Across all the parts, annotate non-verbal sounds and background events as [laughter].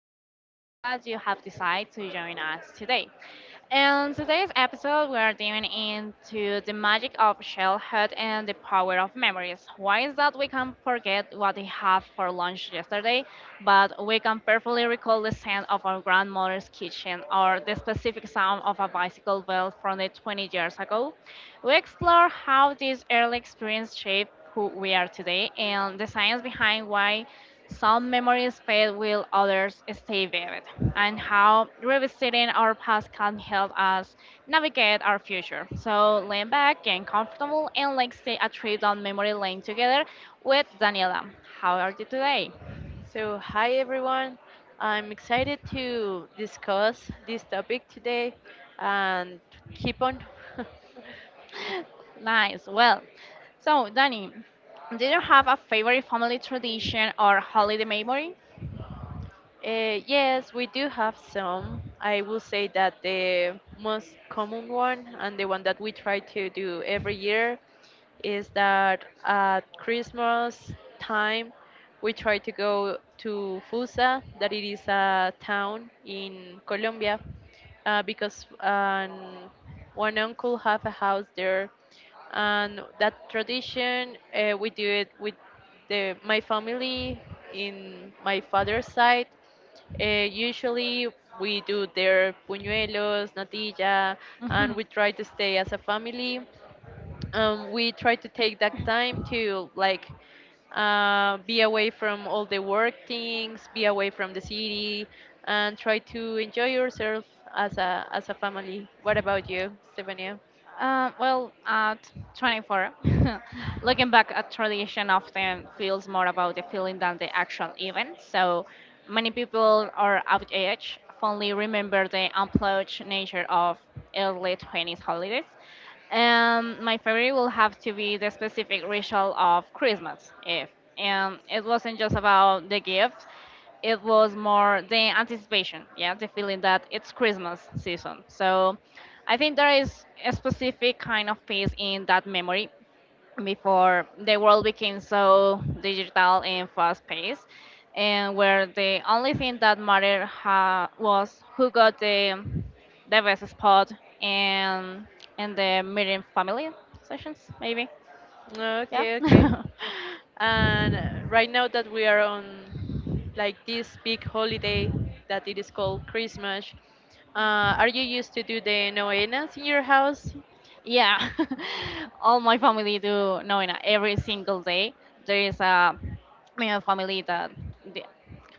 and I'm so glad you have decided to join us today. In today's episode, we are diving into the magic of childhood and the power of memories. Why is that we can forget what we had for lunch yesterday, but we can perfectly recall the scent of our grandmother's kitchen or the specific sound of a bicycle bell from the 20 years ago? We explore how these early experiences shape who we are today and the science behind why some memories fade while others stay vivid, and how revisiting our past can help us navigate our future. So lean back, get comfortable, and let's take a trip down memory lane together with Daniela. How are you today? Hi everyone. I'm excited to discuss this topic today and keep on. [laughs] Nice. Well, so Danny, do you have a favorite family tradition or holiday memory? Yes, we do have some. I will say that the most common one and the one that we try to do every year is that at Christmas time we try to go to Fusa, that it is a town in Colombia, because one uncle have a house there, and that tradition we do it with the my family in my father's side, usually we do their puñuelos, natilla, and we [laughs] try to stay as a family. We try to take that time to like be away from all the work things, be away from the city, and try to enjoy yourself as a family. What about you, Stefania? Well, at 24, [laughs] looking back at tradition often feels more about the feeling than the actual event. So many people are of age fondly remember the unplugged nature of early 20s holidays. My favorite will have to be the specific ritual of Christmas Eve. And it wasn't just about the gift, it was more the anticipation, yeah, the feeling that it's Christmas season. So I think there is a specific kind of peace in that memory before the world became so digital and fast paced, and where the only thing that mattered was who got the best spot and, and the meeting family sessions, maybe. Yeah. Okay, okay. [laughs] And right now that we are on like this big holiday that it is called Christmas, are you used to do the novenas in your house? Yeah, [laughs] all my family do knowing that every single day there is a you family that they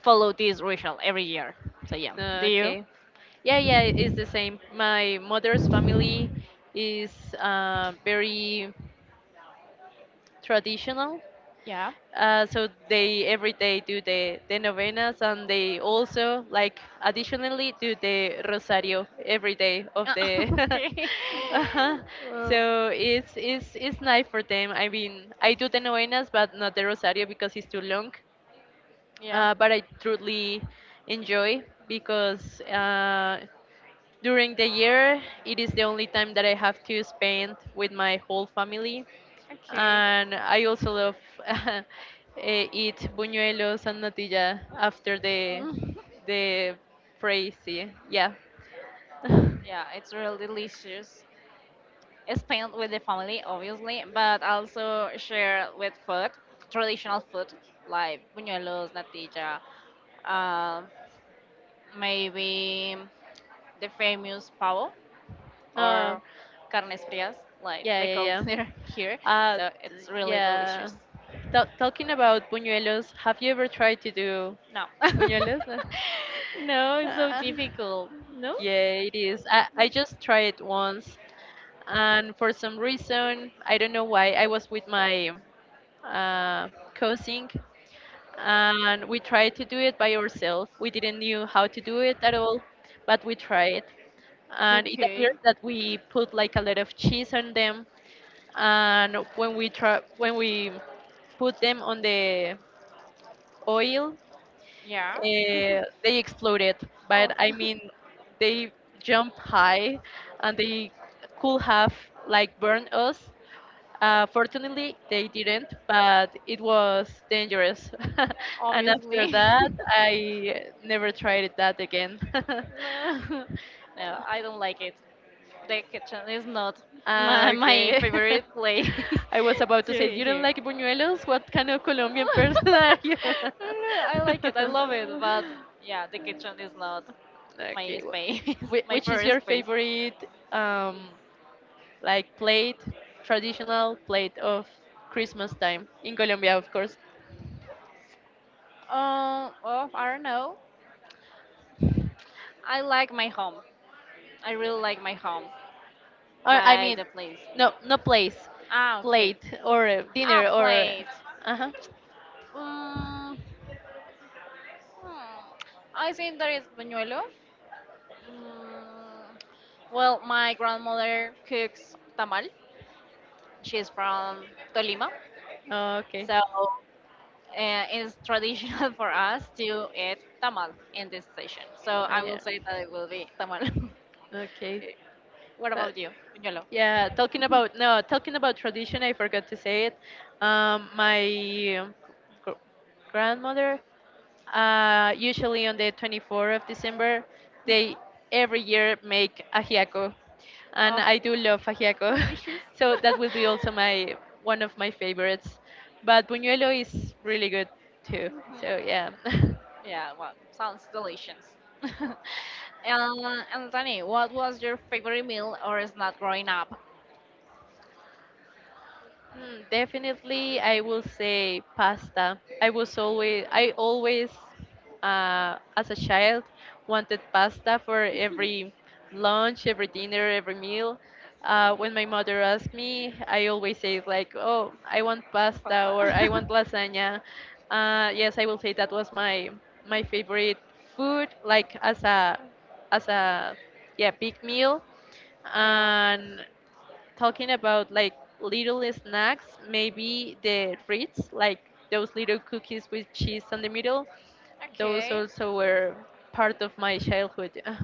follow this ritual every year. So yeah, do you? Okay. Yeah, yeah, it's the same. My mother's family is very traditional. Yeah. So they every day do the novenas and they also like additionally do the rosario every day of [laughs] the Okay. [laughs] uh-huh. Well, So it's nice for them. I mean, I do the novenas but not the rosario because it's too long. yeah. But I truly enjoy because, during the year, it is the only time that I have to spend with my whole family. Okay. And I also love, [laughs] uh, eat buñuelos and natilla after the [laughs] Mm. the phrase. Yeah. Yeah. [laughs] Yeah, it's really delicious. Spend with the family, obviously, but also share with food, traditional food like buñuelos, natilla, uh, maybe. The famous pavo Uh, or carnes frias, like yeah, we yeah, call [laughs] it yeah. here. Uh, So it's t- really yeah. delicious. Talking about buñuelos, have you ever tried to do No. [laughs] buñuelos? No, [laughs] it's so Uh, difficult. No? yeah, it is. I just tried it once and for some reason I don't know why. I was with my, uh, cousin, and we tried to do it by ourselves. We didn't knew how to do it at all, but we tried, and it appears Okay. that we put like a lot of cheese on them. And when we put them on the oil, Yeah. They exploded, Oh, but I [laughs] mean, they jumped high and they could have like burned us. Fortunately, they didn't, but it was dangerous. [laughs] And after obviously. [laughs] that, I never tried that again. [laughs] No. [laughs] No, I don't like it. The kitchen is not my Okay. [laughs] favorite place [laughs] I was about to to say, be you don't here. like buñuelos? What kind of Colombian [laughs] I person are you? don't know, I like it. I love it. But [laughs] yeah, the kitchen is not my Okay. space, [laughs] my Which is your first space. favorite, like plate, traditional plate of Christmas time in Colombia, of course? Well, I don't know. I like my home. I really like my home, Or I like mean, the place. no, no place, Ah, okay. plate or Ah, dinner or. plate. Uh huh. Mm, hmm. I think there is buñuelo. Mm, well, my grandmother cooks tamal. She's from Tolima, Oh, okay. so uh, it's traditional [laughs] for us to eat tamal in this station. So Oh, I will yeah. say that it will be tamal. Okay. [laughs] Eh, what That. about you, Piñolo? Yeah. Talking about, no. Talking about tradition, I forgot to say it. My gr- grandmother, usually on the 24th of December, Mhm. they every year make ajiaco, and Oh, I do love ajiaco. delicious. [laughs] So that will be also [laughs] my one of my favorites. But buñuelo is really good too. So yeah. [laughs] Yeah, well, sounds delicious. [laughs] Anthony, what was your favorite meal or snack growing up? Hmm, definitely, I will say pasta. I always, as a child, wanted pasta for every lunch, every dinner, every meal. When my mother asked me, I always say like, "Oh, I want And pasta" or "I want pasta. lasagna." Yes, I will say that was my favorite food, like as a yeah big meal. [laughs] Yeah. And talking about like little snacks, maybe the Ritz, like those little cookies with cheese on the middle, those Okay. also were part of my childhood. [sighs]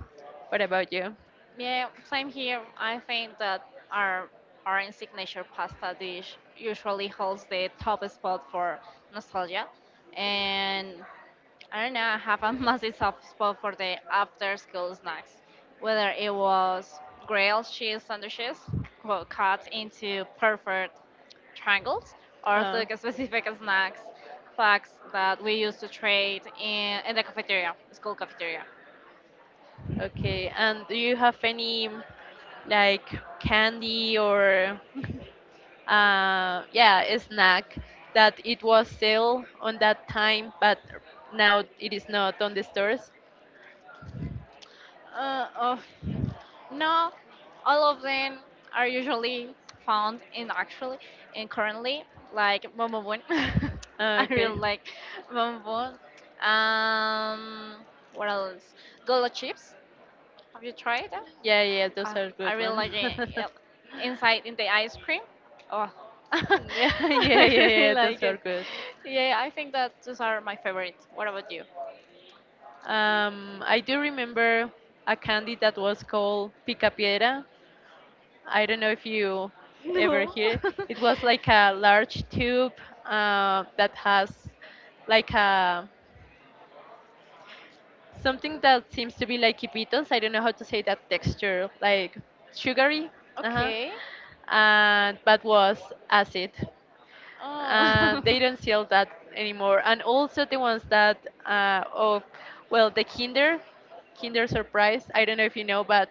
What about you? Yeah, same here. I think that our parent signature pasta dish usually holds the top spot for nostalgia. And I don't know, I have a [laughs] massive soft spot for the after school snacks, whether it was grilled cheese sandwiches cut into perfect triangles or Uh, took specific snacks packs that we used to trade in the cafeteria, school cafeteria. okay, and do you have any like candy or, yeah, a snack that it was sale on that time, but now it is not on the stores? Oh. No, all of them are usually found in actually and currently like Bon Bon Bon. [laughs] I really Okay. like Bon Bon. Bon. Um, what else? Golo chips. Have you tried that? Yeah, yeah, those Uh, are I good really one. like it. [laughs] Yep. Inside in the ice cream. Oh, [laughs] [laughs] Yeah, yeah, I yeah, really yeah, those like are it. good. Yeah, I think that those are my favorites. What about you? [laughs] I do remember a candy that was called Picapiedra. I don't know if you ever No. hear. It [laughs] It was like a large tube, that has like a something that seems to be like hipitos. I don't know how to say that texture, like sugary. Uh-huh, uh huh. Okay. And but was acid. Oh. And they don't sell that anymore. And also the ones that, of well the Kinder Kinder Surprise. I don't know if you know, but,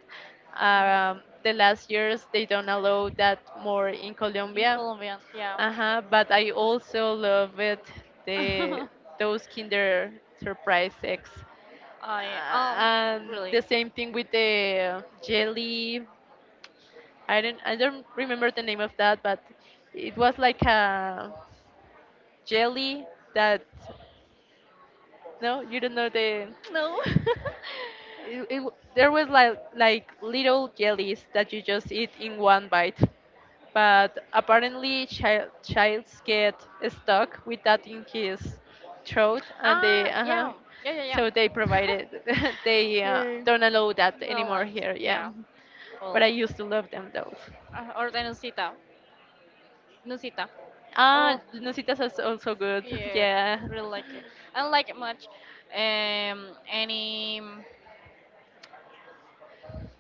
[laughs] the last years they don't allow that more in In Colombia. Colombian, yeah. Uh-huh, but I also love it the [laughs] those Kinder Surprise eggs. I Uh, oh and really? the same thing with the jelly. I don't remember the name of that, but it was like a jelly that, no you don't know No. [laughs] There was like little jellies that you just eat in one bite, but apparently childs get stuck with that in his throat and they Ah, uh huh, yeah, yeah, yeah, yeah. so they provided. [laughs] They, [laughs] Yeah. don't allow that Well, anymore like, here. Yeah, yeah. but Well, I used to love them though. Or the Nusita, Nusita. Ah, Oh, nusitas is also good. [laughs] yeah. Yeah, Really like it. I don't like it much. Any mm,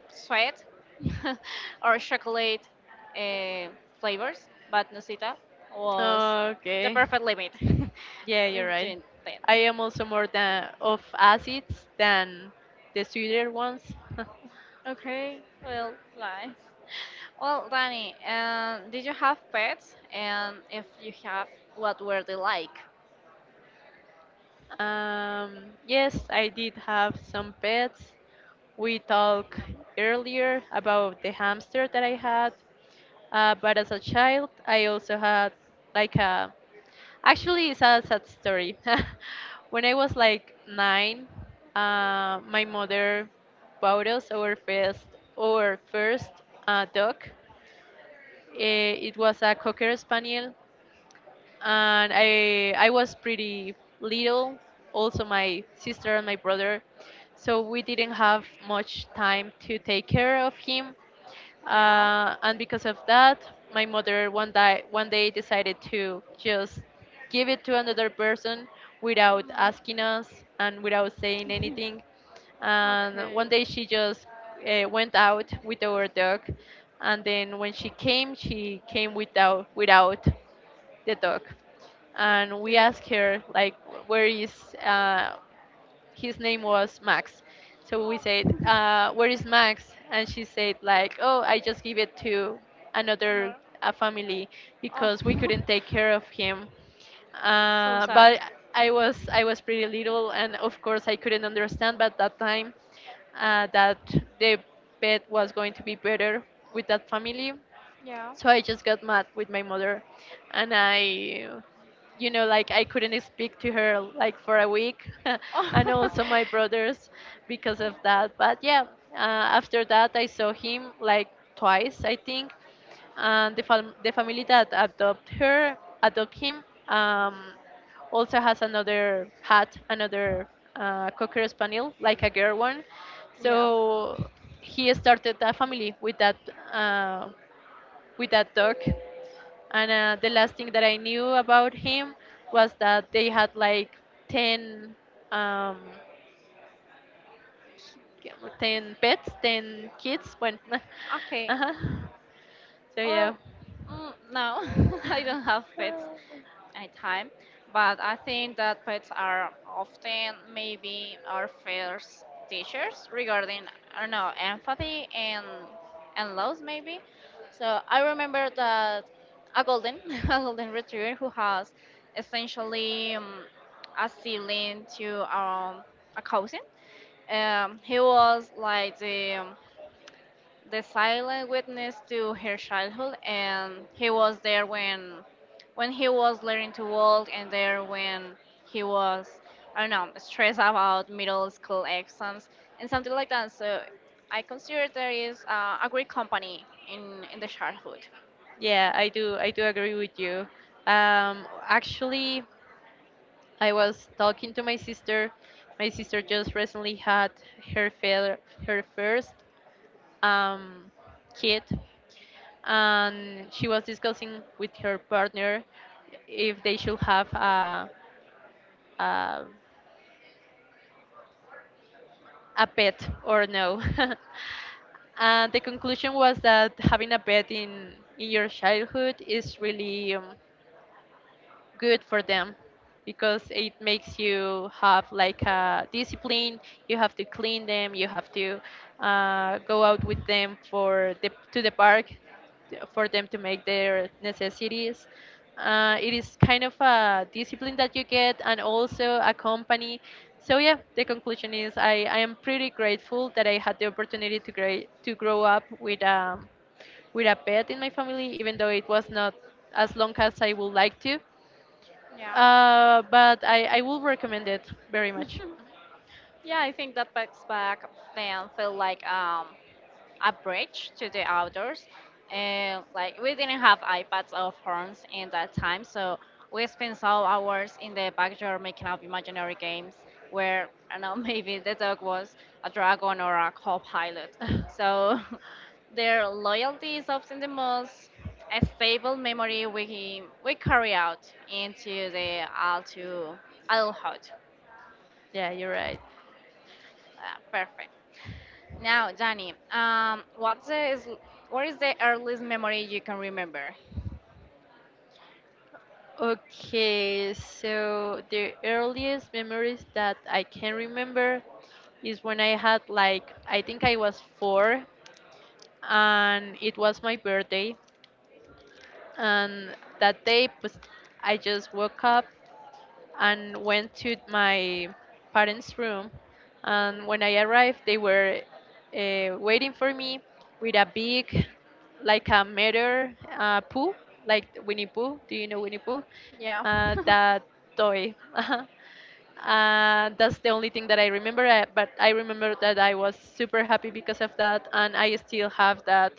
sweat [laughs] or chocolate uh, flavors, but Nusita was the okay. perfect limit [laughs] Yeah, you're right. between them. I am also more than of acids than the sweeter ones. Okay, well, nice. [laughs] Well, Danny, did you have pets? And if you have, what were they like? [laughs] Yes, I did have some pets. We talked earlier about the hamster that I had, but as a child, I also had like a. Actually, it's a sad story. [laughs] When I was like nine, my mother bought us our first, dog. Eh, it was a cocker spaniel, and I was pretty little. Also, my sister and my brother, so we didn't have much time to take care of him, Yeah. And because of that, my mother one day decided to just give it to another person without Mm, asking us and without saying anything. And one okay. day she just, went out with our dog, and then when she came without the dog, and we Okay. asked her like where is, uh, his name was Max. So we said, Oh, "Where is Max?" And she said, "Like, oh, I just give it to another, another. a family Oh, because we couldn't take care of him." [laughs] so sad. But I was pretty little, and of course I couldn't understand. But that time, that the pet was going to be better with that family. Yeah. So I just got mad with my mother, and I, you know, like I couldn't speak to her like for a week. [laughs] And Oh, [laughs] also my brothers, because of that. But yeah, after that I saw him like twice I think, and the family that adopt him, also has another, cocker spaniel like a girl one, Yeah. so he started a family with that, uh, with that dog. And, the last thing that I knew about him was that they had like 10, um, 10 pets, 10 kids. When, [laughs] Okay. uh-huh. So, yeah. Well, [laughs] mm, no, [laughs] I don't have pets. Anytime. But I think that pets are often maybe our first teachers regarding I don't know empathy and loss maybe. So I remember that a golden [laughs] a golden retriever who has essentially a sibling to a cousin. He was like the silent witness to her childhood and he was there when he was learning to walk and there when he was I don't know stressed about middle school exams and something like that. So I consider there is a great company in the childhood. Yeah, I do. I do agree with you. Actually, I was talking to my sister. My sister just recently had her fair, her first, um, kid, and she was discussing with her partner if they should have a, a pet or no. [laughs] And the conclusion was that having a pet in your childhood is really, good for them, because it makes you have like a discipline. You have to clean them, you have to, go out with them for the to the park for them to make their necessities. It is kind of a discipline that you get, and also a company. So yeah, the conclusion is I am pretty grateful that I had the opportunity to, to grow up with, with a pet in my family, even though it was not as long as I would like to. Yeah, But I will recommend it very much. [laughs] yeah. I think that backs back then felt like a bridge to the outdoors. And like we didn't have iPads or phones in that time, so we spent some hours in the backyard making up imaginary games where I don't know [laughs] maybe the dog was a dragon or a co-pilot. [laughs] So [laughs] their loyalty is often the most stable memory we carry out into the adult adulthood. Yeah, you're right. Perfect. Now, Danny, what is the earliest memory you can remember? Okay, so the earliest memories that I can remember is when I had, like I think I was four, and it was my birthday. And that day pues, I just woke up and went to my parents' room. And when I arrived, they were, waiting for me with a big, like a meter, poo, like Winnie Pooh. Do you know Winnie Pooh? Yeah. [laughs] That toy. [laughs] That's the only thing that I remember. But I remember that I was super happy because of that, and I still have that,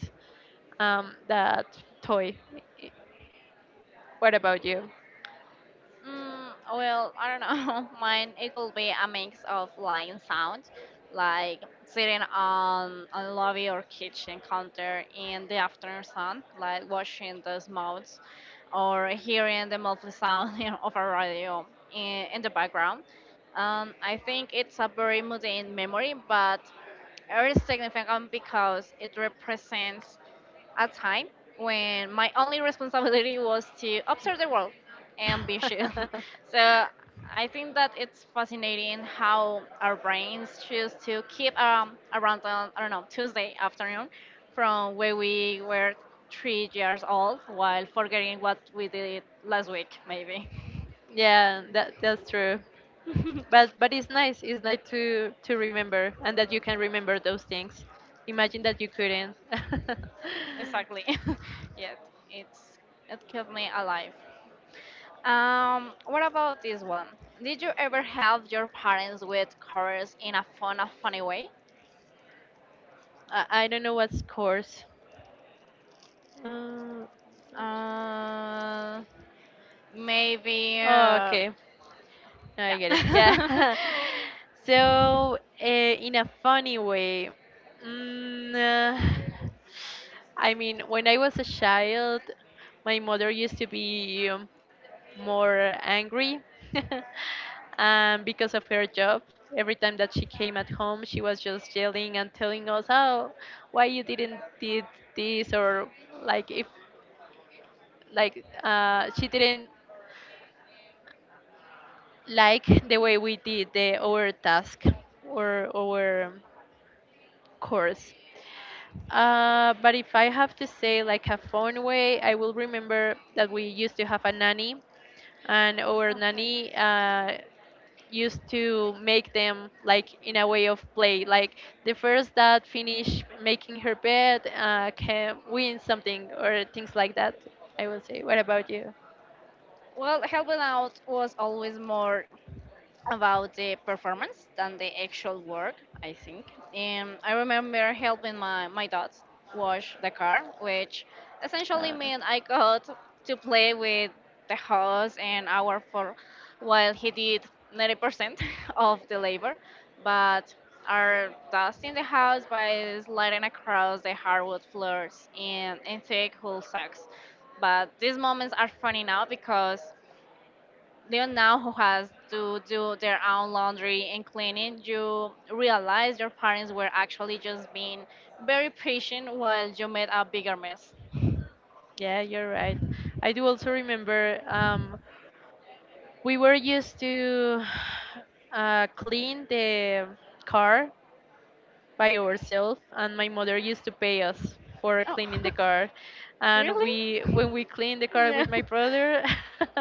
that toy. What about you? Mm, well, I don't know. [laughs] Mine it could be a mix of like sound, like sitting on lobby or kitchen counter in the afternoon sun, like watching those modes, or hearing the muffled sound [laughs] you know, of a radio in the background. I think it's a very mundane memory, but it is significant because it represents a time when my only responsibility was to observe the world and be chill. [laughs] So [laughs] I think that it's fascinating how our brains choose to keep around, on, I don't know, Tuesday afternoon from when we were 3 years old while forgetting what we did last week, maybe. Yeah, that that's true. [laughs] But it's nice. It's nice to remember and that you can remember those things. Imagine that you couldn't. [laughs] Exactly. [laughs] Yes, it's, it kept me alive. What about this one? Did you ever help your parents with chores in a fun, a funny way? I don't know what's course. Uh, Uh, maybe. oh, okay. No, I get it. Yeah. Yeah. [laughs] So, in a funny way, mm, uh, I mean, when I was a child, my mother used to be, more angry. [laughs] Because of her job, every time that she came at home, she was just yelling and telling us, "Oh, why you didn't did this?" Or like if like, she didn't like the way we did the our task or our course. But if I have to say like a fun way, I will remember that we used to have a nanny, and our nanny used to make them like in a way of play. Like the first that finish making her bed can win something or things like that. I will say. What about you? [laughs] Well, helping out was always more about the performance than the actual work, I think. And I remember helping my dad wash the car, which essentially Uh, meant I got to play with the house an hour for while he did 90% [laughs] of the labor. But are dusting the house by sliding across the hardwood floors and thick wool sacks. But these moments are funny now because they now who has to do their own laundry and cleaning, you realize your parents were actually just being very patient while you made a bigger mess. yeah, you're right. I do also remember. We were used to clean the car by ourselves, and my mother used to pay us for Oh, cleaning the car. [laughs] And we, when really? we clean the car with my [laughs] brother, [laughs]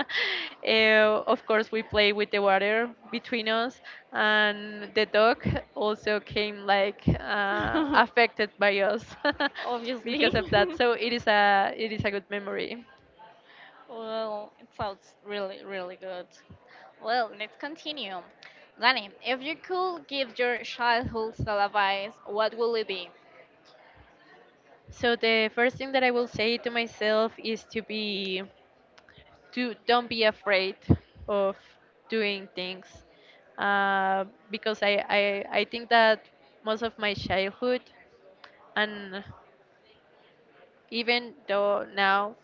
eh, of course we play with the water between us, and the dog also came like No. affected by us [laughs] [laughs] Obviously. because of that. So it is a good memory. [laughs] Well, it sounds really, really good. Well, let's continue. Danny, if you could give your childhood self advice, what will it be? So the first thing that I will say to myself is to be do don't be afraid of doing things uh, because I think that most of my childhood and even though now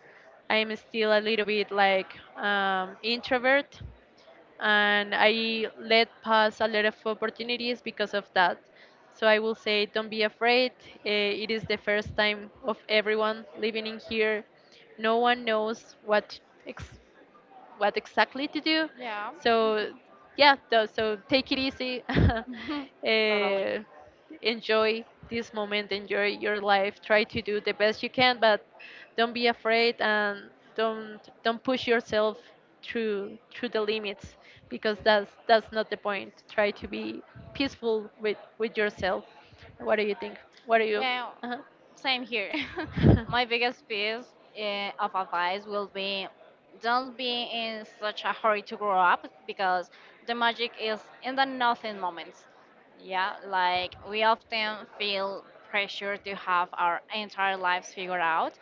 I'm still a little bit like introvert, and I let pass a lot of opportunities because of that. So I will say don't be afraid. Eh, it is the first time of everyone living in here. No one knows what ex- what exactly to do. Yeah, So yeah, so take it easy. [laughs] [laughs] totally. Enjoy this moment, enjoy your life. Try to do the best you can, but don't be afraid and don't push yourself through the limits, because that's not the point. Try to be peaceful with yourself. What do you think? What do you? Yeah, uh same here. [laughs] My [laughs] biggest piece of advice will be don't be in such a hurry to grow up because the magic is in the nothing moments. Yeah, like we often feel pressure to have our entire lives figured out,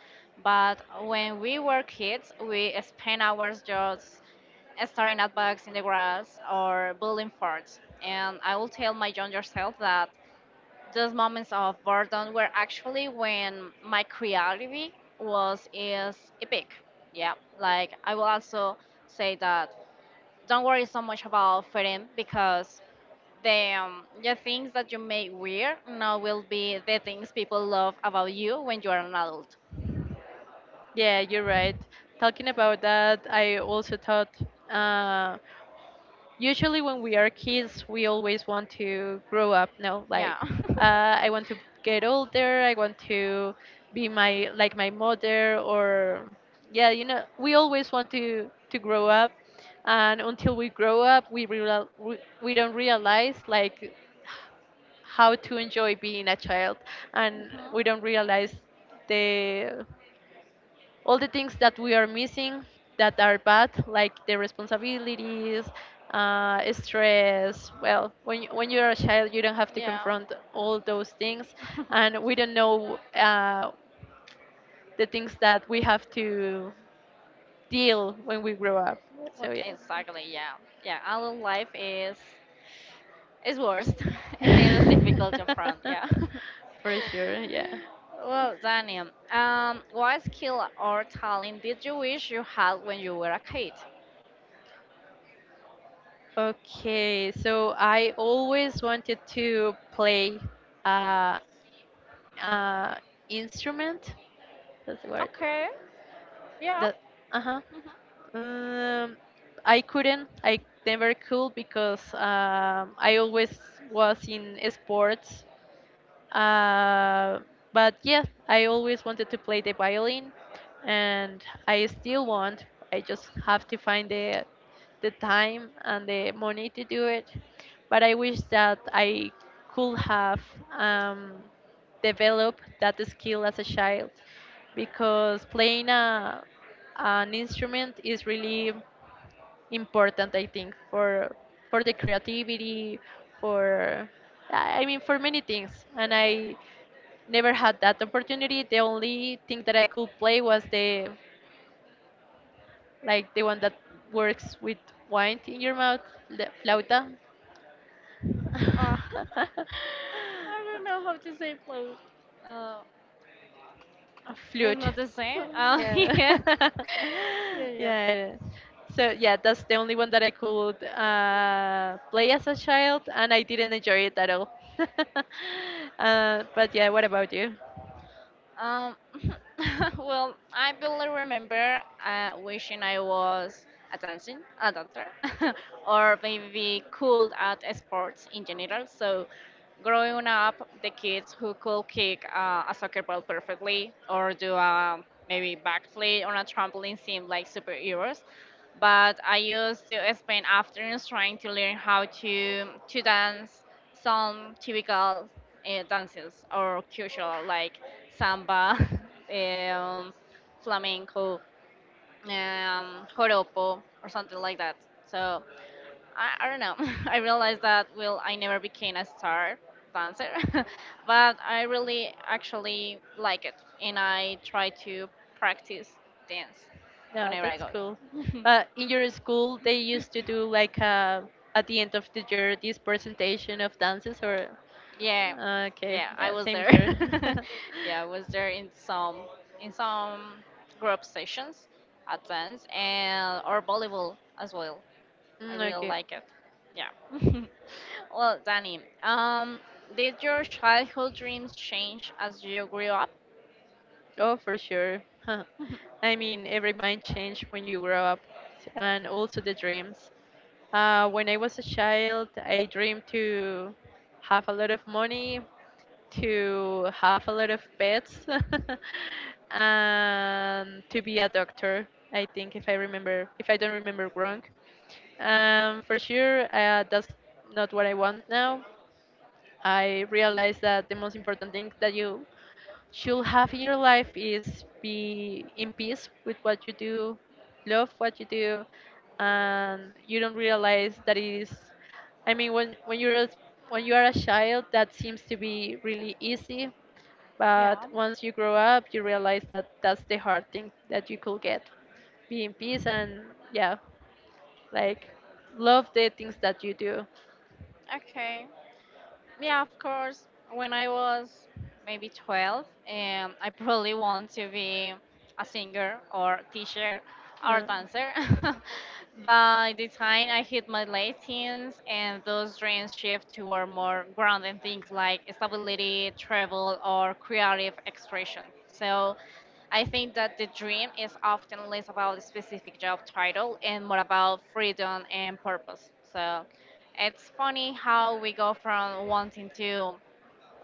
but when we were kids, we spent hours just staring at bugs in the grass or building forts. And I will tell my younger self that those moments of boredom were actually when my creativity was is epic. Yeah, like I will also say that don't worry so much about fitting because the things that you make weird now will be the things people love about you when you are an adult. Yeah, you're right. Talking about that, I also thought. Uh, Usually when we are kids we always want to grow up, no, like Yeah. [laughs] I want to get older, I want to be my like my mother, or yeah, you know, we always want to grow up, and until we grow up we we don't realize like how to enjoy being a child, and Mhm. we don't realize the all the things that we are missing that are bad, like the responsibilities, stress. Well, when you're a child, you don't have to Yeah. confront all those things, [laughs] and we don't know the things that we have to deal when we grow up. Well, So yeah. exactly. Yeah. Yeah. Adult life is it's worst, [laughs] and it is difficult to front. [laughs] Yeah. For sure, yeah. [laughs] Well, Daniel, what skill or talent did you wish you had when you were a kid? Okay, so I always wanted to play uh, uh, instrument. That's the word. Okay. Yeah. The uh-huh. Um, I couldn't. I never could because I always was in sports, uh, but yeah, I always wanted to play the violin, and I still want. I just have to find the time and the money to do it. But I wish that I could have um, developed that skill as a child, because playing a an instrument is really important. I think for the creativity, for, I mean, for many things, and I never had that opportunity. The only thing that I could play was the like the one that works with wine in your mouth, the flauta. Uh, [laughs] [laughs] I don't know how to say play. Uh, A it is flute. not the same. [laughs] Yeah, yeah. [laughs] [laughs] Yeah. Yeah. yeah, it is. So yeah, that's the only one that I could play as a child, and I didn't enjoy it at all. [laughs] But yeah, what about you? Um, [laughs] well, I barely remember wishing I was a dancing, a dancer, [laughs] or maybe cool at sports in general. So, growing up, the kids who could kick a soccer ball perfectly or do a maybe backflip on a trampoline seemed like superheroes. But I used to spend afternoons trying to learn how to dance some typical dances or cultural like samba, [laughs] um, flamenco, joropo, or something like that. So I don't know. [laughs] I realized that well, I never became a star dancer, [laughs] but I really actually like it, and I try to practice dance Yeah, whenever I that's go. cool. But in your school, they used to do like at the end of the year this presentation of dances, or Yeah, okay, yeah, I yeah, was same there. here. [laughs] [laughs] Yeah, I was there in some group sessions at dance and or volleyball as well. I Mm, really okay. like it. Yeah. [laughs] Well, Danny, did your childhood dreams change as you grew up? Oh, for sure. [laughs] [laughs] I mean, every mind change when you grow up, and also the dreams. When I was a child, I dreamed to have a lot of money, to have a lot of pets, [laughs] and to be a doctor. I think, if I remember, if I don't remember wrong, for sure, that's not what I want now. I realized that the most important thing that you should have in your life is be in peace with what you do, love what you do, and you don't realize that it is. I mean, when you are a child, that seems to be really easy, but Yeah. once you grow up, you realize that that's the hard thing that you could get. Be in peace and yeah, like, love the things that you do. Okay. Yeah, of course. When I was maybe 12, I probably want to be a singer or teacher or Um, dancer. [laughs] By the time I hit my late teens, and those dreams shift toward more grounded things like stability, travel, or creative expression. So I think that the dream is often less about a specific job title and more about freedom and purpose. So it's funny how we go from wanting to,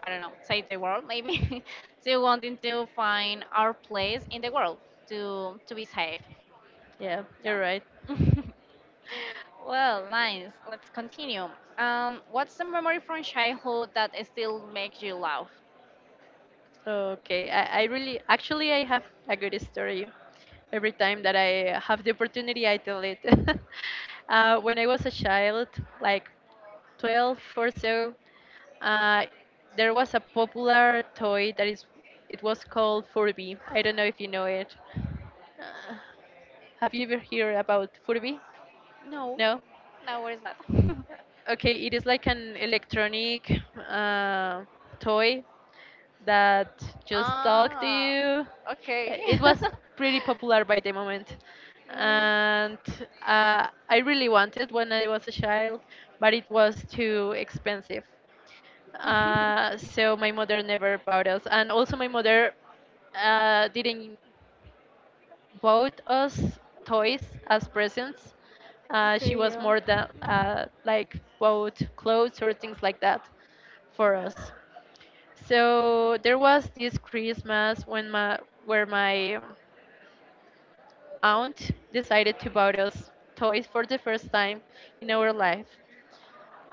I don't know, save the world maybe, [laughs] to wanting to find our place in the world to be safe. yeah, Yeah. you're right. [laughs] Well, nice. Let's continue. What's the memory from childhood that still makes you laugh? Okay, I really, actually, I have a good story. Every time that I have the opportunity, I tell it. [laughs] When I was a child, like 12 or so, uh, there was a popular toy that it was called Furby. I don't know if you know it. Uh, have you ever heard about Furby? No, No? no, what is that? Okay, it is like an electronic uh, toy that [laughs] just talk to Ah, you. Okay. It was [laughs] pretty popular by the moment, Mm. and I really wanted when I was a child, but it was too expensive. [laughs] So my mother never bought us, and also my mother didn't bought us toys as presents. She Okay, was yeah. more than like bought clothes or things like that for us. So there was this Christmas when my where my aunt decided to buy us toys for the first time in our life.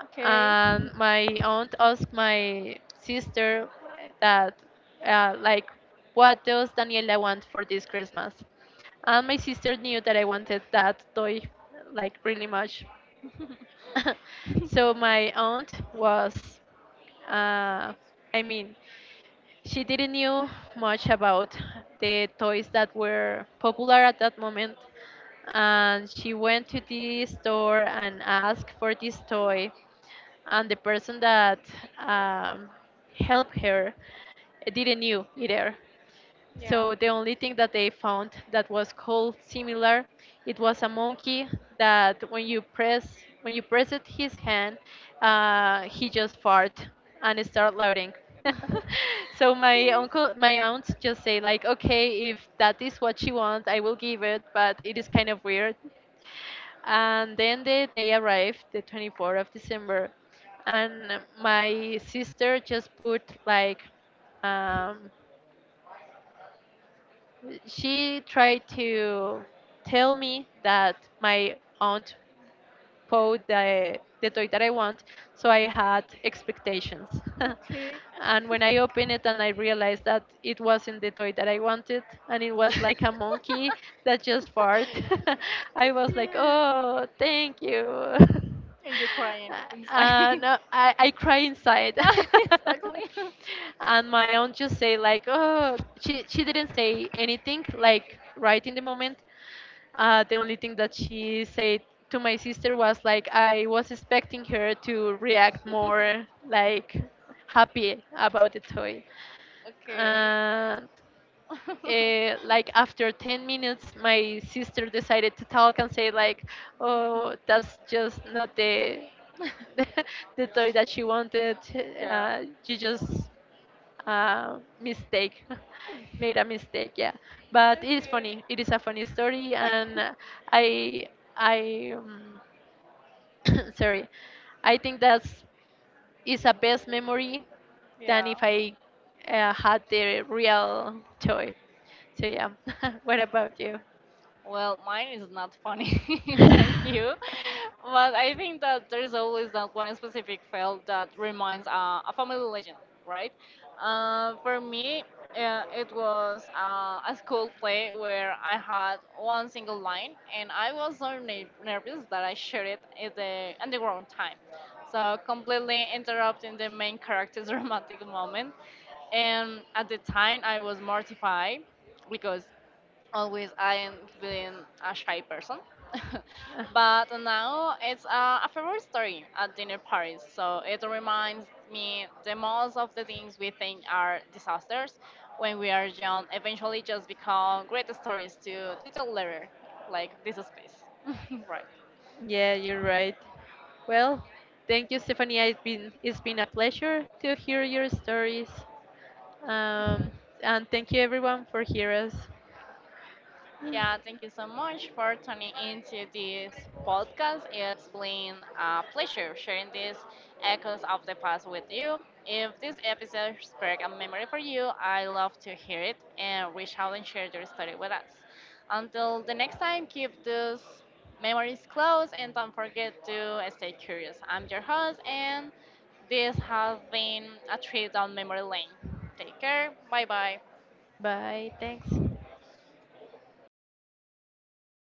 Okay, And my aunt asked my sister that like, what does Daniela want for this Christmas? And my sister knew that I wanted that toy like really much. [laughs] So my aunt was, uh, I mean, she didn't knew much about the toys that were popular at that moment, and she went to the store and asked for this toy, and the person that um, helped her didn't knew either. yeah. So the only thing that they found that was called similar, it was a monkey that when you press it his hand, he just fart and start louding. [laughs] [laughs] So Okay. My aunt just say like, okay, if that is what she wants I will give it, but it is kind of weird. And then the day arrived the 24th of December, and my sister just put like, um, she tried to tell me that my aunt bought the toy that I want, so I had expectations. Okay. [laughs] And when I opened it and I realized that it wasn't the toy that I wanted, and it was like a [laughs] monkey that just farted, [laughs] I was like, Yeah. oh, thank you. And you're [laughs] crying inside. No, I cry inside. [laughs] Exactly. [laughs] And my aunt just say like, oh, she didn't say anything like right in the moment. The only thing that she said to my sister was like, I was expecting her to react more like happy about the toy, Okay. and [laughs] like after 10 minutes, my sister decided to talk and say like, oh, that's just not the [laughs] the toy that she wanted. Yeah. You just mistake [laughs] made a mistake, yeah. But it is Okay. funny, it is a funny story, and [laughs] I I [coughs] sorry, I think that's is a best memory than Yeah. if I had the real toy. So yeah. [laughs] What about you? Well, mine is not funny [laughs] than you, but I think that there's always that one specific fail that reminds a family legend, right? For me, it was a school play where I had one single line, and I was so nervous that I shared it at the wrong time, so completely interrupting the main character's [laughs] romantic moment. And at the time, I was mortified because always I am been a shy person. [laughs] [laughs] But now it's a favorite story at dinner parties. So it reminds me the most of the things we think are disasters when we are young eventually just become great stories to tell later. Like this is space. [laughs] Right. Yeah, you're right. Well, thank you, Stephanie, it's been a pleasure to hear your stories. Um, and thank you everyone for hearing us. Yeah, thank you so much for tuning into this podcast. It's been a pleasure sharing these echoes of the past with you. If this episode sparked a memory for you, I love to hear it and reach out and share your story with us. Until the next time, keep those memories close and don't forget to stay curious. I'm your host, and this has been a trip down memory lane. Take care. Bye bye. Bye. Thanks.